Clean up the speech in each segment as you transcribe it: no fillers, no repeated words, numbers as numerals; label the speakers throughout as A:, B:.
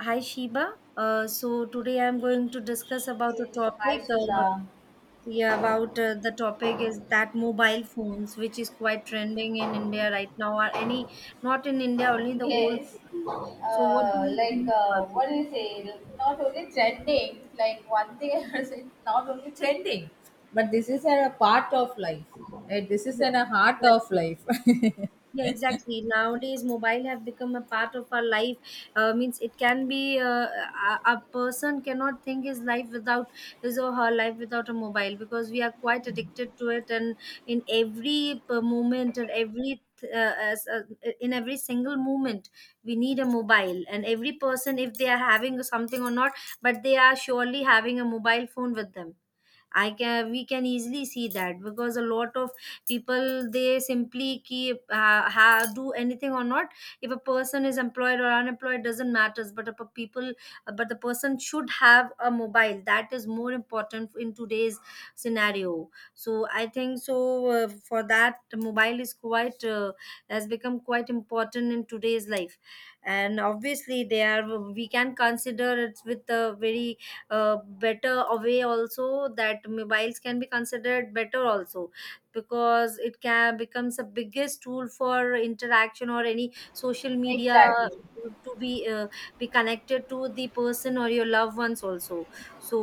A: Hi Sheba. So today I'm going to discuss about the
B: Yes, hi
A: topic.
B: Sudha.
A: Yeah, about The topic is that mobile phones, which is quite trending in India right now, or any not in India only the whole
B: Yes,
A: world. So what do you
B: like
A: think about this?
B: what do you say? Not only trending, like one thing I said, not only trending. Like,
A: Yeah, exactly. Yeah, exactly. Nowadays, mobile have become a part of our life. Means it can be a person cannot think his life without his or her life without a mobile because we are quite addicted to it, and in every moment and every in every single moment we need a mobile. And every person, if they are having something or not, but they are surely having a mobile phone with them. I can We can easily see that because a lot of people, they simply keep do anything or not. If a person is employed or unemployed, doesn't matters, but if a people but the person should have a mobile, that is more important in today's scenario. So I think so, for that, mobile is quite has become quite important in today's life. And obviously they are we can consider it with a very uh, better way also, that mobiles can be considered better also because it can becomes the biggest tool for interaction or any social media,
B: exactly.
A: to be connected to the person or your loved ones also. So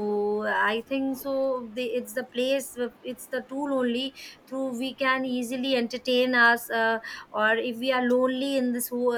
A: I think so, it's the place, it's the tool only through we can easily entertain us. Or if we are lonely in this whole,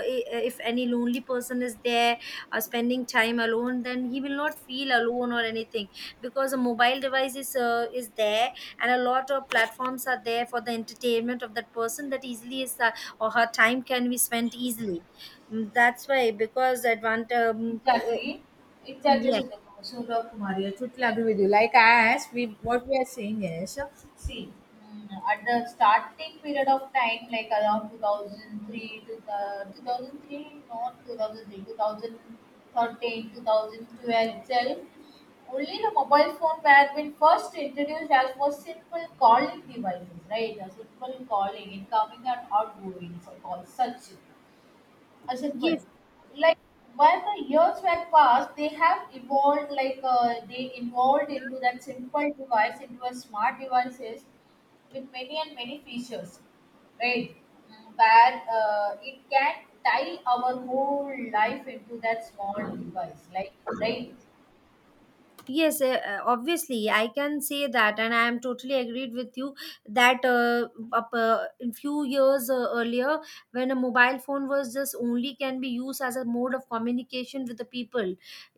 A: if any lonely person is there or spending time alone, then he will not feel alone or anything because a mobile device is there, and a lot of platforms are there for the entertainment of that person, that easily is or her time can be spent easily. Mm, that's why, because advantage.
B: Exactly, exactly.
A: Yeah,
B: Sudhakumari, I totally agree with you. Like as we, what we are saying is, see, at the starting period of time, like around 2003 to the 2003, not 2003, 2013, 2012 itself, only the mobile phone were been first introduced as for simple calling devices, right? A simple calling, incoming and outgoing for calls, such a simple,
A: yes.
B: like while the years were passed they have evolved, like they evolved into that simple device into a smart devices with many and many features, right? Where it can tie our whole life into that small device, like, right.
A: Yes, obviously, I can say that, and I am totally agreed with you that in few years earlier, when a mobile phone was just only can be used as a mode of communication with the people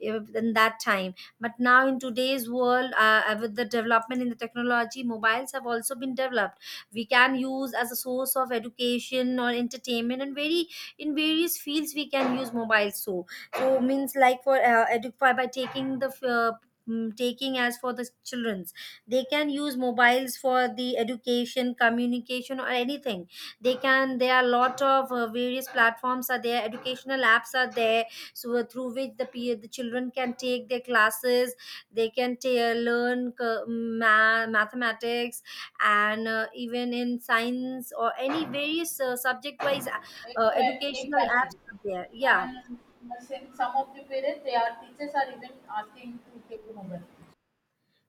A: in that time. But now, in today's world, with the development in the technology, mobiles have also been developed. We can use as a source of education or entertainment, and very in various fields we can use mobiles. So, so means, like, for by taking the taking as for the children's, they can use mobiles for the education, communication or anything. They can, there are a lot of various platforms are there, educational apps are there. So through which the the children can take their classes. They can learn mathematics and even in science or any various subject wise,
B: it, uh,
A: educational
B: exactly.
A: apps are there, yeah.
B: And some of the parents, their teachers are even asking to take home.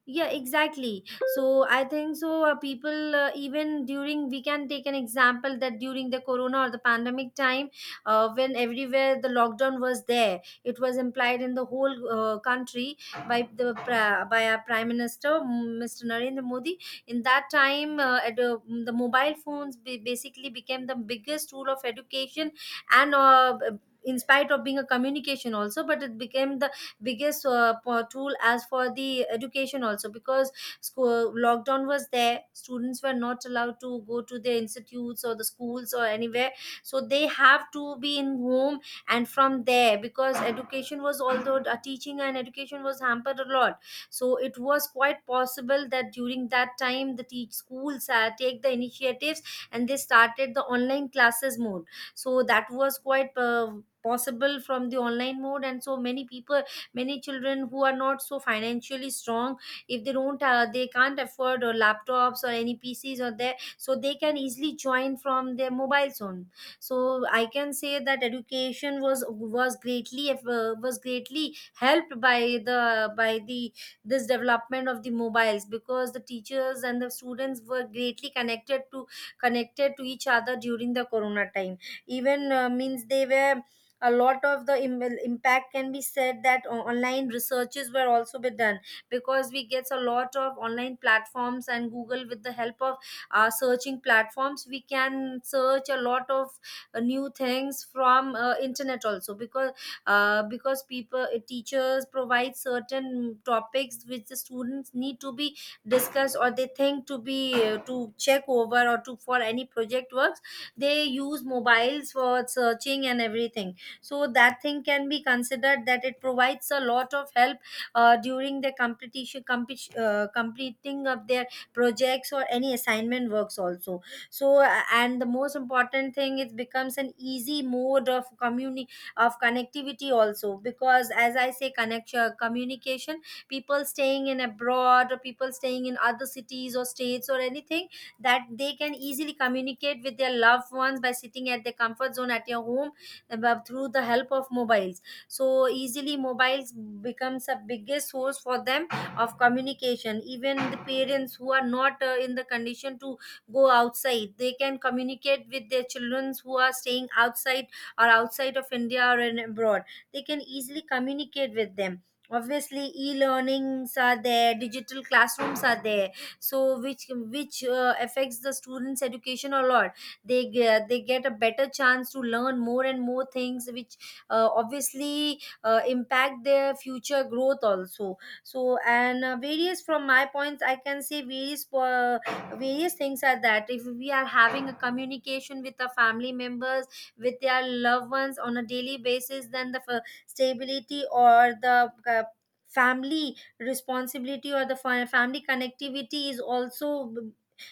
A: Yeah, exactly. So I think so, people, even during, we can take an example that during the corona or the pandemic time, when everywhere the lockdown was there, it was implied in the whole country by by our prime minister Mr. Narendra Modi. In that time, the mobile phones basically became the biggest tool of education, and in spite of being a communication also, but it became the biggest tool as for the education also, because school lockdown was there, students were not allowed to go to their institutes or the schools or anywhere, so they have to be in home. And from there, because education was, although teaching and education was hampered a lot. So it was quite possible that during that time, the teach schools take the initiatives and they started the online classes mode. So that was quite possible from the online mode, and so many people, many children who are not so financially strong, if they don't they can't afford or laptops or any PCs or there, so they can easily join from their mobile phone. So I can say that education was greatly helped by the this development of the mobiles, because the teachers and the students were greatly connected to each other during the corona time. Even means they were, a lot of the impact can be said that online researches were also be done, because we get a lot of online platforms and Google. With the help of searching platforms, we can search a lot of new things from internet also, because people, teachers provide certain topics which the students need to be discussed, or they think to be to check over or to for any project works, they use mobiles for searching and everything. So that thing can be considered that it provides a lot of help during the completing of their projects or any assignment works also. So and the most important thing, it becomes an easy mode of of connectivity also, because as I say, connection, communication, people staying in abroad or people staying in other cities or states or anything, that they can easily communicate with their loved ones by sitting at their comfort zone at your home through the help of mobiles. So easily, mobiles becomes a biggest source for them of communication. Even the parents who are not in the condition to go outside, they can communicate with their children who are staying outside or outside of India or in abroad. They can easily communicate with them. Obviously, e-learnings are there, digital classrooms are there, so which affects the students education a lot. They get a better chance to learn more and more things which obviously impact their future growth also. So and various, from my points I can say various various things are that if we are having a communication with our family members, with their loved ones on a daily basis, then the stability or the family responsibility or the family connectivity is also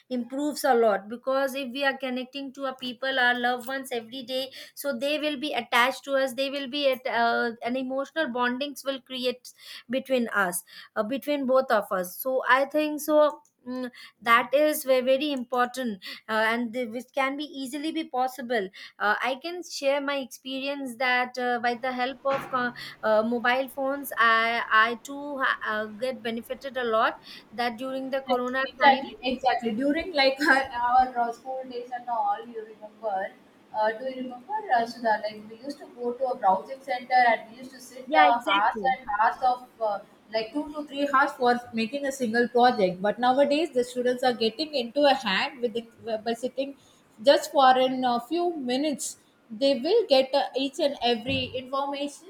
A: improves a lot, because if we are connecting to our people, our loved ones every day, so they will be attached to us, they will be at an emotional bondings will create between us, between both of us. So I think so, mm, that is very important, which can be easily be possible. I can share my experience that by the help of mobile phones, I too get benefited a lot, that during the corona time.
B: Exactly, exactly. During, like our school days and all, you remember? Do you remember, Sudha? Like we used to go to a browsing center and we used to sit
A: Yeah,
B: hours
A: exactly.
B: and hours of, like 2 to 3 hours for making a single project. But nowadays, the students are getting into a hand within, by sitting just for in a few minutes. They will get each and every information,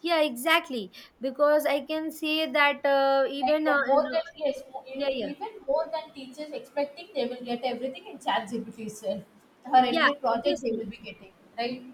A: Yeah, exactly. Because I can say that
B: like, more than, yes,
A: yeah, yeah,
B: even more than teachers expecting, they will get everything in chat gpt itself or
A: yeah,
B: anyway project they
A: obviously.
B: will be getting, right?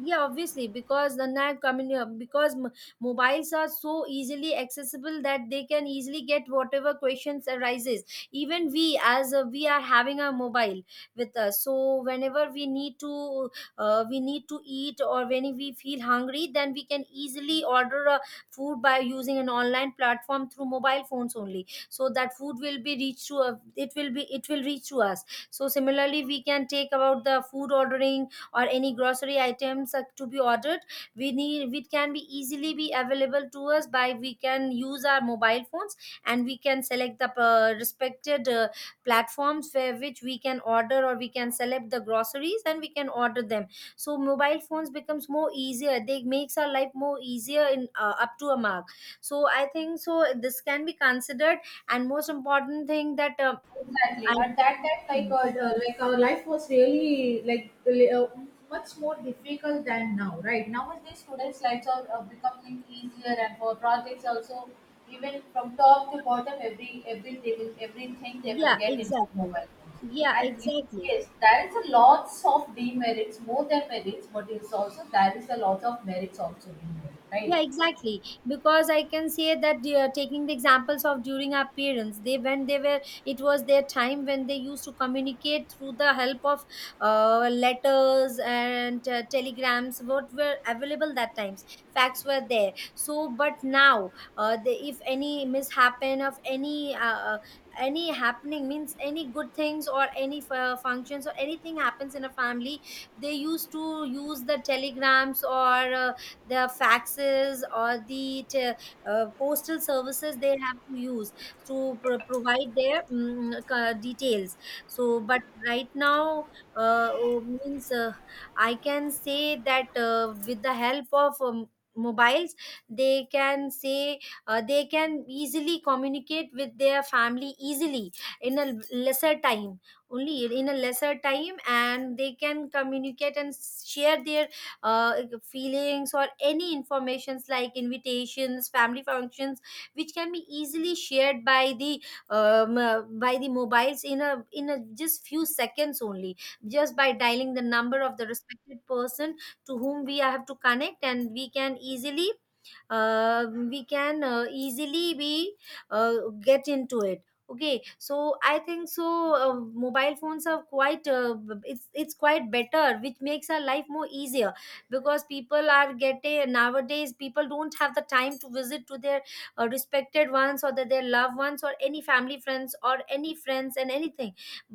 A: Yeah, obviously, because the net community, mobiles are so easily accessible that they can easily get whatever questions arises. Even we are having a mobile with us, so whenever we need to eat or when we feel hungry, then we can easily order a food by using an online platform through mobile phones only, so that food will be reached to it will reach to us. So similarly, we can take about the food ordering or any grocery items to be ordered, we need, it can be easily be available to us by, we can use our mobile phones, and we can select the respected platforms where which we can order, or we can select the groceries and we can order them. So mobile phones becomes more easier, they makes our life more easier in up to a mark. So I think so, this can be considered. And most important thing, that
B: Exactly.
A: I
B: At that time, like our life was really, like really, much more difficult than now, right? Nowadays students lives are becoming easier, and for projects also, even from top to bottom, every everything they will
A: yeah,
B: get inside
A: exactly.
B: mobile phones.
A: Yeah,
B: And
A: exactly.
B: yes, there is a lots of demerits more than merits, but it's also there is a lot of merits also in there, right?
A: Yeah, exactly. Because I can say that taking the examples of during our parents, they when they were, it was their time when they used to communicate through the help of letters and telegrams, what were available that times. Facts were there. So, but now, if any mishappen of any happening means any good things or any functions or anything happens in a family, they used to use the telegrams or the faxes or the postal services they have to use to provide their details. So but right now, oh, means, I can say that with the help of mobiles they can say they can easily communicate with their family easily in a lesser time, only in a lesser time, and they can communicate and share their uh, feelings or any informations like invitations, family functions, which can be easily shared by the mobiles in a just few seconds only, just by dialing the number of the respected person to whom we have to connect, and we can easily, we can easily be get into it. Okay, so I think so mobile phones are quite it's quite better, which makes our life more easier, because people are getting, nowadays people don't have the time to visit to their respected ones or their loved ones or any family friends or any friends and anything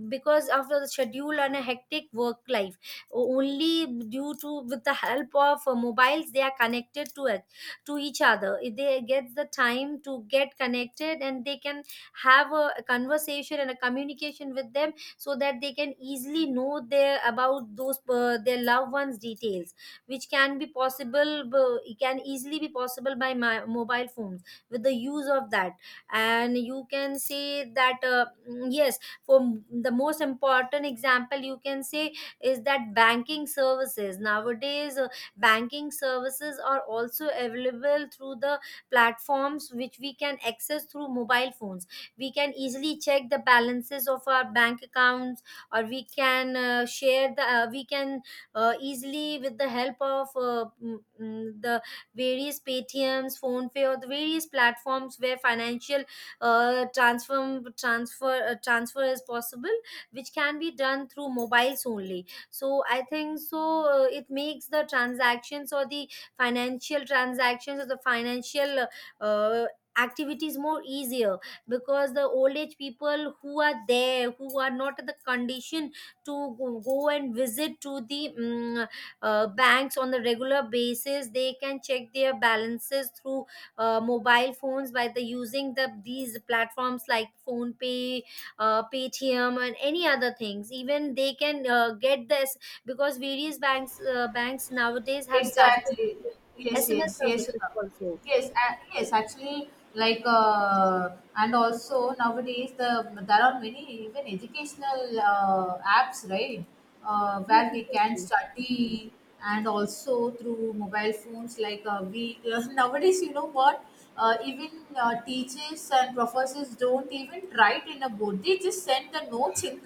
A: because of the schedule and a hectic work life. Only due to, with the help of mobiles they are connected to it, to each other. If they get the time to get connected, and they can have a conversation and a communication with them, so that they can easily know their about those their loved ones details, which can be possible, can easily be possible by my mobile phones with the use of that. And you can say that yes, for the most important example you can say is that banking services nowadays, banking services are also available through the platforms which we can access through mobile phones. We can easily check the balances of our bank accounts, or we can share the we can easily with the help of the various Paytms, PhonePe, or the various platforms where financial transfer is possible, which can be done through mobiles only. So I think so it makes the transactions or the financial transactions or the financial uh, activities more easier, because the old age people who are there, who are not in the condition to go and visit to the banks on the regular basis, they can check their balances through mobile phones by the using the these platforms like phone pay, paytm and any other things. Even they can get this, because various banks, banks nowadays have started
B: Exactly. Yes,
A: sms
B: yes, yes,
A: services also.
B: yes, yes, actually, like, and also nowadays, there are many even educational apps, right,
A: Yes,
B: where we can
A: exactly.
B: study, and also through mobile phones. Like, we nowadays, what, even teachers and professors don't even write in a board, they just send the notes in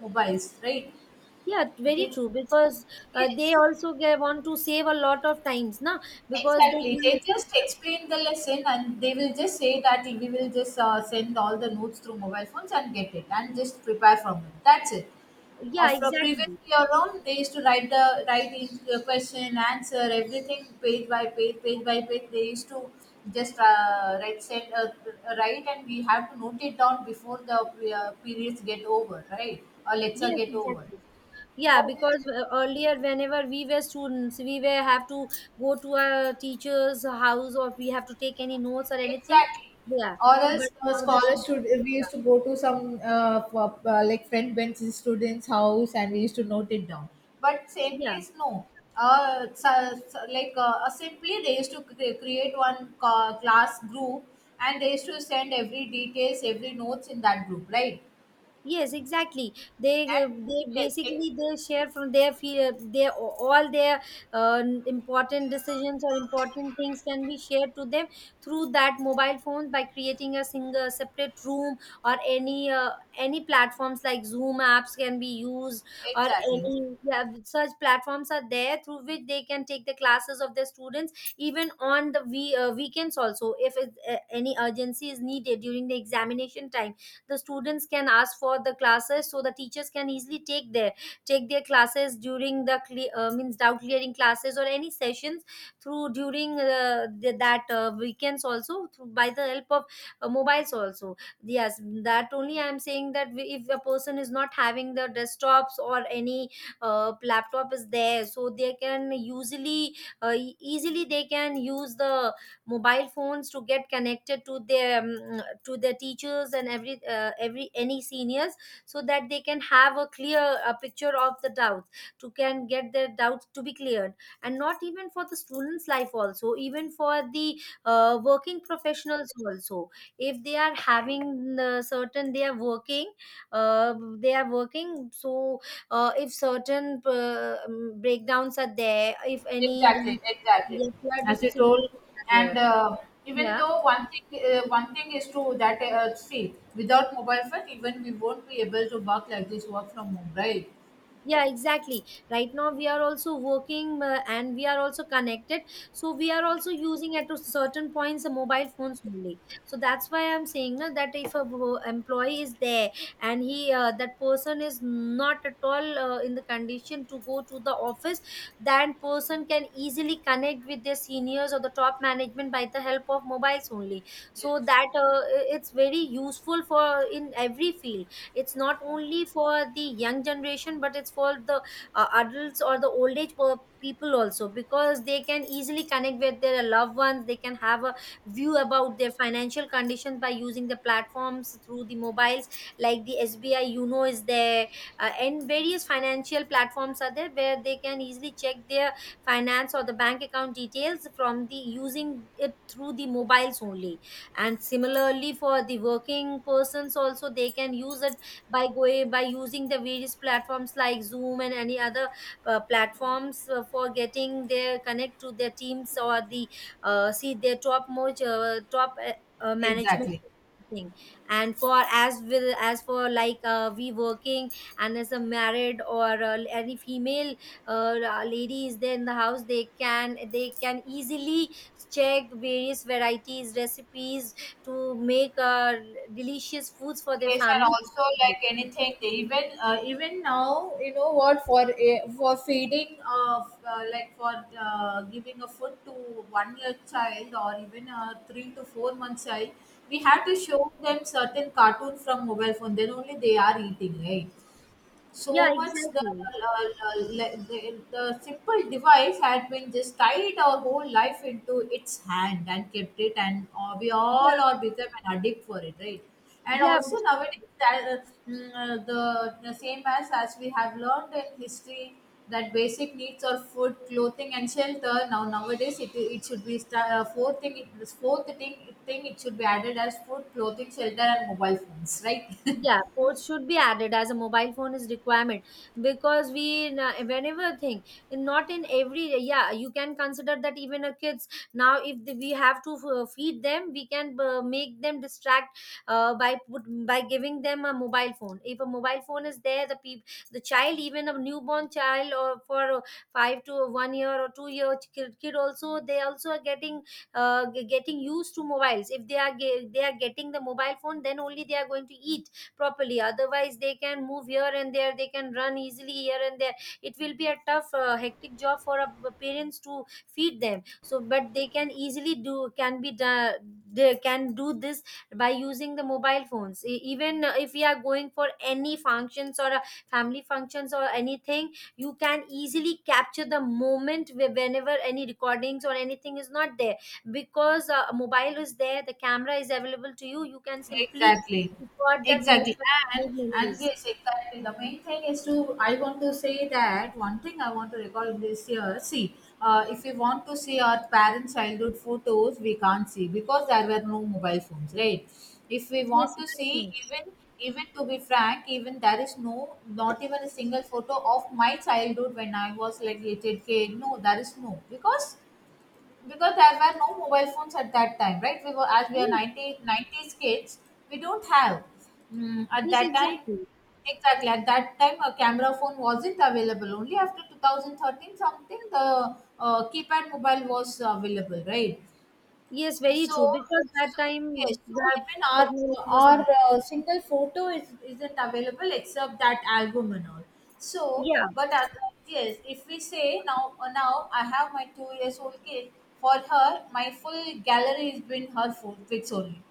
B: mobiles, right?
A: Yeah, very
B: They,
A: true, because they
B: yes.
A: also want to save a lot of times now, because they
B: Exactly.
A: use.
B: They just explain the lesson and they will just say that we will just send all the notes through mobile phones and get it, and just prepare from it. That's it. Of
A: Yeah, exactly.
B: previously around, they used to write the question, answer, everything page by page, page by page. They used to just write, and we have to note it down before the periods get over, right? Or lecture
A: Yes,
B: get over.
A: exactly. Yeah,
B: But
A: because earlier, whenever we were students, we were have to go to a teacher's house or we have to take any notes or anything.
B: exactly.
A: Yeah,
B: Or
A: but
B: else
A: how does?
B: scholars should, we used to go to some like friend bench students house, and we used to note it down. But same
A: Yeah.
B: case, no. So like simply they used to create class group, and they used to send every details, every notes in that group, right?
A: Yes, exactly. They
B: And yes,
A: basically they share from their fear, their all their important decisions or important things can be shared to them through that mobile phones by creating a single separate room or any platforms like Zoom apps can be used, or
B: exactly.
A: any, yeah, such platforms are there through which they can take the classes of their students even on the weekends also, if it, any urgency is needed during the examination time, the students can ask for the classes, so the teachers can easily take their, take their classes during the means doubt clearing classes or any sessions through during that weekends also through, by the help of mobiles also. Yes, that only I am saying, that if a person is not having the desktops or any laptop is there, so they can usually easily they can use the mobile phones to get connected to their teachers and every any seniors, so that they can have a clear a picture of the doubts, to can get their doubts to be cleared. And not even for the students life also, even for the working professionals also, if they are having certain, they are working, they are working, so if certain breakdowns are there, if any.
B: Exactly, exactly.
A: Yes, you are
B: As you
A: just.
B: told.
A: Yeah.
B: And even
A: Yeah,
B: though one thing is true, that, see, without mobile phone, even we won't be able to work like this, work from home, right?
A: yeah, exactly. Right now, we are also working, and we are also connected. So, we are also using at a certain points the mobile phones only. So, that's why I'm saying na, that if a employee is there, and he that person is not at all in the condition to go to the office, that person can easily connect with their seniors or the top management by the help of mobiles only.
B: Yes,
A: So, that it's very useful for in every field. It's not only for the young generation, but it's for the adults or the old age people also, because they can easily connect with their loved ones, they can have a view about their financial conditions by using the platforms through the mobiles, like the sbi uno is there, and various financial platforms are there where they can easily check their finance or the bank account details from the using it through the mobiles only. And similarly for the working persons also, they can use it by going by using the various platforms like zoom and any other platforms for getting their connect to their teams or the see their top most top management
B: exactly.
A: thing. And for as will as for like we working, and as a married or any female uh, lady is there in the house, they can, they can easily check various varieties recipes to make delicious foods for their
B: Yes, and
A: family.
B: also, like anything, they even, even now, what, for a, for feeding of, like for giving a food to 1 year child, or even a 3 to 4 month child, we have to show them certain cartoons from mobile phone. Then only they are eating, right? So
A: Yeah,
B: much
A: exactly.
B: the simple device had been just tied our whole life into its hand and kept it, and we all
A: Yeah,
B: are become an addict for it, right? And
A: yeah.
B: also nowadays that, the same as we have learned in history, that basic needs are food, clothing and shelter. Now nowadays it should be fourth thing, this fourth thing thing it should be added as food, clothing, shelter, and mobile phones, right?
A: Yeah, ports should be added as a mobile phone is requirement, because whenever thing, not in every, yeah, you can consider that even a kids now, if the, we have to feed them, we can make them distract by giving them a mobile phone. If a mobile phone is there, the child, even a newborn child or for 5 to 1 year or 2 year kid, also, they also are getting getting used to mobiles. If they are they are getting the mobile phone, then only they are going to eat properly, otherwise they can move here and there, they can run easily here and there, it will be a tough hectic job for a parents to feed them. So but they can easily do, can be done, they can do this by using the mobile phones. Even if we are going for any functions or family functions or anything, you can easily capture the moment whenever any recordings or anything is not there, because a mobile is there, the camera is available to you, you can simply
B: Exactly,
A: got that
B: exactly.
A: moment,
B: and
A: made
B: and
A: memories.
B: yes, exactly. The main thing is, to I want to say that one thing, I want to recall this year. See, if we want to see our parents' childhood photos, we can't see, because there were no mobile phones, right? If we
A: Yes,
B: want to see,
A: exactly.
B: even, even to be frank, even there is no, not even a single photo of my childhood when I was, like, little kid. No, there is no, because, there were no mobile phones at that time, right? We were, as we are,
A: Yes,
B: 90 nineties kids. We don't have, at
A: yes,
B: that time.
A: exactly.
B: Exactly, at that time a camera phone wasn't available, only after 2013 something the keypad mobile was available, right?
A: Yes, very true,
B: So,
A: because that
B: so yes,
A: time
B: so
A: that
B: even our,
A: technology was not.
B: single photo is, isn't available, except that album and all. So,
A: Yeah,
B: but yes, if we say now, now I have my 2 years old kid. For her, my full gallery is been her pics only,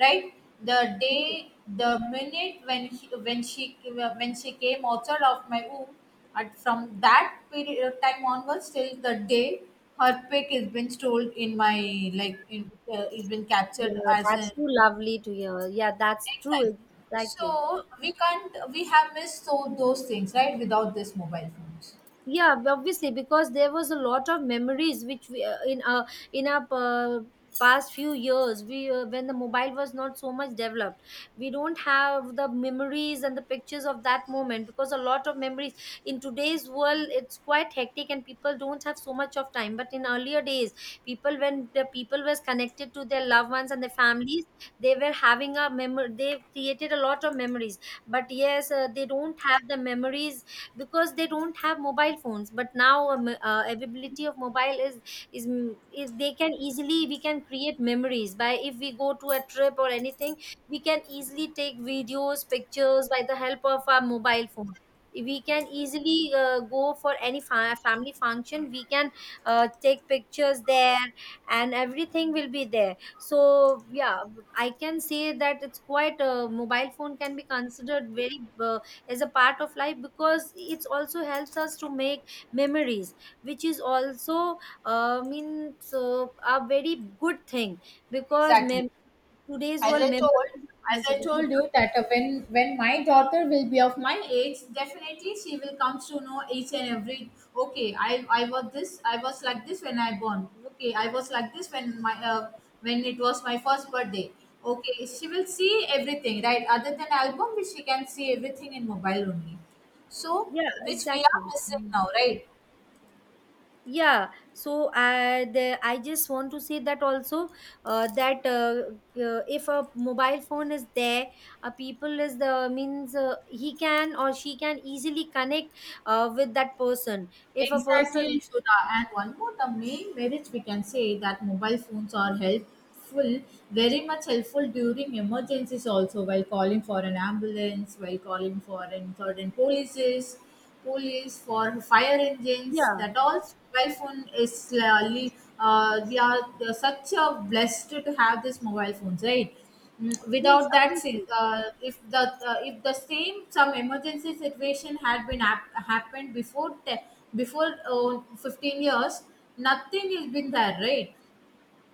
B: right? The day, the minute when he, when she came outside of my womb, and from that period of time onwards till the day, her pic is been stolen in my, like, in, is been captured
A: yeah,
B: as
A: that's
B: an
A: too lovely to hear. Yeah, that's
B: next item.
A: true. Exactly.
B: So we can't, we have missed so, those things, right, without this mobile phones.
A: Yeah, obviously, because there was a lot of memories which we, in our past few years, we when the mobile was not so much developed, we don't have the memories and the pictures of that moment, because a lot of memories in today's world, it's quite hectic and people don't have so much of time, but in earlier days, people, when the people was connected to their loved ones and their families, they were having a memory, they created a lot of memories, but yes, they don't have the memories because they don't have mobile phones. But now, availability of mobile is, is they can easily, we can create memories by, if we go to a trip or anything, we can easily take videos, pictures by the help of our mobile phone. We can easily go for any family function, we can take pictures there, and everything will be there. So yeah, I can say that it's quite mobile phone can be considered very as a part of life, because it also helps us to make memories, which is also means so a very good thing. Because
B: Exactly.
A: today's
B: as
A: world
B: i
A: memories
B: told
A: are
B: as i
A: considered.
B: told you, that, when my daughter will be of my age, definitely she will come to know each and every, okay, I was this, I was like this when I born, okay, I was like this when my, when it was my first birthday. Okay, she will see everything, right, other than album, which she can see everything in mobile only. So,
A: Yeah,
B: which we are
A: exactly.
B: missing now, right?
A: Yeah, so I just want to say that also, that if a mobile phone is there, a people is the means, he can or she can easily connect with that person, if a person.
B: Exactly, Sudha. And one more, the main merit we can say, that mobile phones are helpful, very much helpful during emergencies also, while calling for an ambulance, while calling for an certain polices, police, for fire engines,
A: Yeah.
B: that all mobile phone is really, we are such a blessed to have this mobile phones, right?
A: Yes,
B: Without that
A: obviously.
B: if the same some emergency situation had been happened before, before 15 years, nothing has been there, right?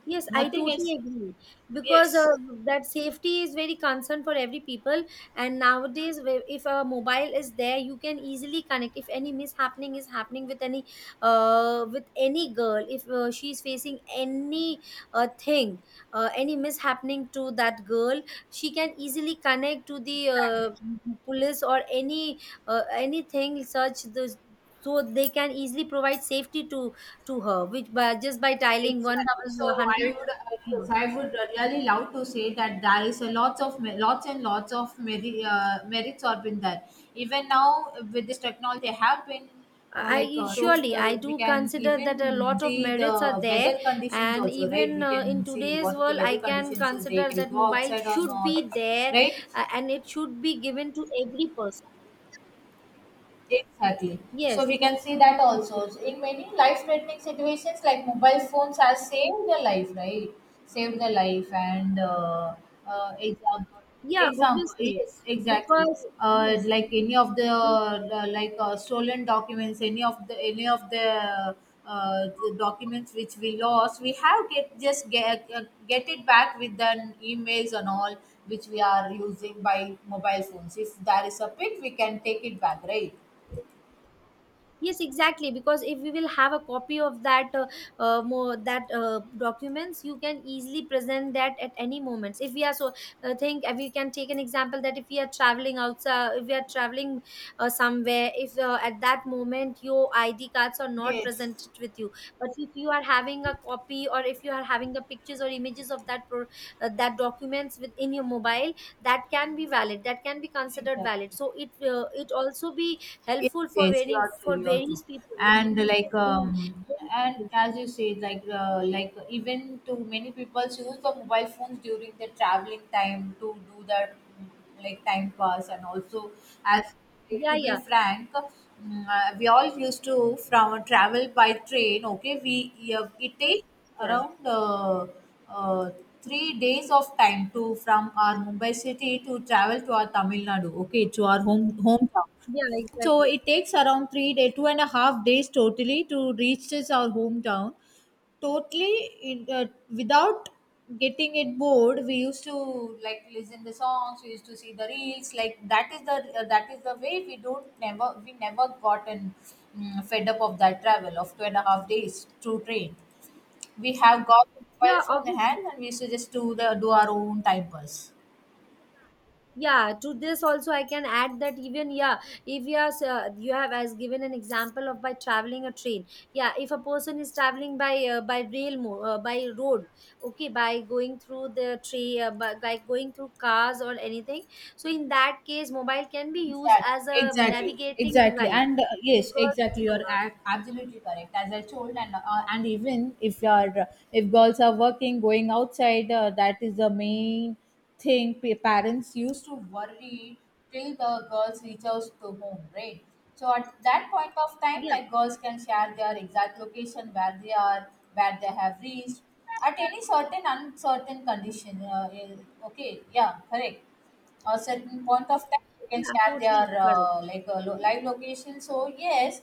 A: Yes, I
B: Nothing is.
A: totally agree, because
B: Yes,
A: that safety is very concerned for every people. And nowadays, if a mobile is there, you can easily connect. If any mishappening is happening with any girl, if she is facing any thing, any mishappening to that girl, she can easily connect to the
B: exactly.
A: police or any anything such. So they can easily provide safety to her, which by just by dialing one
B: Exactly.
A: double one
B: So I
A: hundred.
B: would, yes,
A: Mhm.
B: I would really love to say that there is a lots of, lots and lots of merits have been there. Even now with this technology, they have been, like
A: I
B: told,
A: surely I
B: we
A: do
B: can
A: consider that a
B: even
A: lot of
B: see
A: merits are
B: the
A: there,
B: weather conditions
A: and
B: also, right?
A: even
B: We
A: in
B: can see
A: today's
B: what is the
A: world, I
B: weather
A: can
B: conditions, so they
A: consider
B: can
A: that
B: go
A: mobile
B: outside or
A: should
B: not,
A: be there,
B: right?
A: and it should be given to every person.
B: Exactly. So
A: Yes,
B: we can see that also. So, in many life-threatening situations, like mobile phones have saved their life, right? Saved their life, and, example,
A: yeah,
B: example,
A: obviously,
B: yes, exactly.
A: because yes,
B: Like, any of the, like stolen documents, any of the documents which we lost, we have get just get it back with an emails and all, which we are using by mobile phones. If there is a pic, we can take it back, right?
A: yes exactly, because if we will have a copy of that more that documents, you can easily present that at any moments. If we are so, think we can take an example that if we are traveling outside, if we are traveling somewhere, if at that moment your id cards are not
B: Yes,
A: presented with you, but if you are having a copy or if you are having the pictures or images of that that documents within your mobile, that can be valid, that can be considered valid.
B: exactly.
A: So it it also be
B: Yes,
A: helpful for
B: yes, you
A: very
B: are true,
A: for
B: you are true.
A: various people in,
B: And like,
A: in.
B: and as you say, like even too many people use the mobile phones during their traveling time to do their, like, time pass. And also, as
A: Yeah,
B: to be
A: yeah,
B: frank, we all used to, from travel by train. Okay, we, yeah, it takes
A: yeah,
B: around, uh, 3 days of time, to from our Mumbai city to travel to our Tamil Nadu. Okay, to our hometown.
A: yeah,
B: So
A: exactly.
B: it takes around 3 day, 2.5 days totally to reach this our hometown. Totally, in, without getting it bored, we used to, like, listen the songs. We used to see the reels. Like, that is the way we don't never, we never gotten fed up of that travel of 2.5 days through train. We have got mobile
A: Yeah,
B: phone in hand,
A: obviously.
B: and we used to just do our own time pass.
A: Yeah, to this also I can add that, even yeah, if you are you have as given an example of by traveling a train. Yeah, if a person is traveling by by road, okay, by going through the train, by going through cars or anything, so in that case mobile can be used
B: Exactly,
A: as a
B: exactly,
A: navigating
B: exactly,
A: device,
B: and yes,
A: because
B: exactly. You're absolutely correct. As I told, and even if you're if girls are working, going outside, that is the main thing. Parents used to worry till the girls reach out to home, right? So at that point of time,
A: yeah.
B: like, girls can share their exact location, where they are, where they have reached, at any certain uncertain condition. Okay, yeah, correct, a certain point of time they can
A: Yeah,
B: share
A: totally
B: their,
A: correct.
B: like, live location, so yes.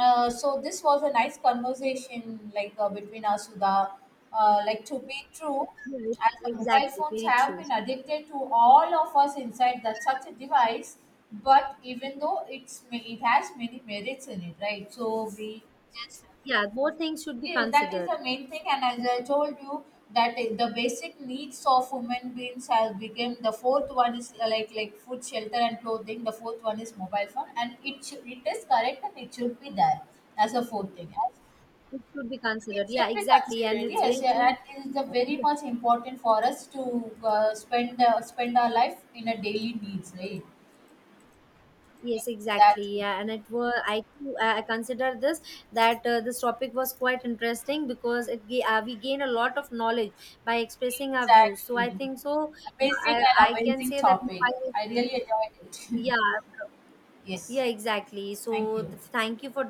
B: So this was a nice conversation, like, between us, Sudha. Like, to be true,
A: Yeah,
B: as the mobile
A: exactly.
B: phones
A: Very
B: have
A: true.
B: been addicted to all of us inside that such a device, but even though it's, it has many merits in it, right? So we just.
A: Yeah, both things should be
B: Yes, that is
A: considered.
B: the main thing, and as I told you, that the basic needs of human beings has become, the fourth one is, like, food, shelter, and clothing. The fourth one is mobile phone, and it should, it is correct and it should be there as a fourth thing. As
A: It should be
B: it
A: considered. Yeah,
B: should be
A: exactly. And
B: considered.
A: it's
B: Yes,
A: very
B: yeah,
A: true.
B: that is the very
A: Yeah.
B: much important for us, to spend our life in a daily needs, right?
A: Yes, exactly.
B: Exactly,
A: Yeah, and it were I too, I consider this, that this topic was quite interesting, because it we gain a lot of knowledge by expressing our views. So I
B: exactly.
A: think so.
B: Amazing
A: I
B: and
A: I can
B: amazing
A: say that
B: topic.
A: I,
B: I really enjoyed it.
A: yeah,
B: Yes.
A: yeah exactly.
B: Thank
A: So
B: you.
A: thank you for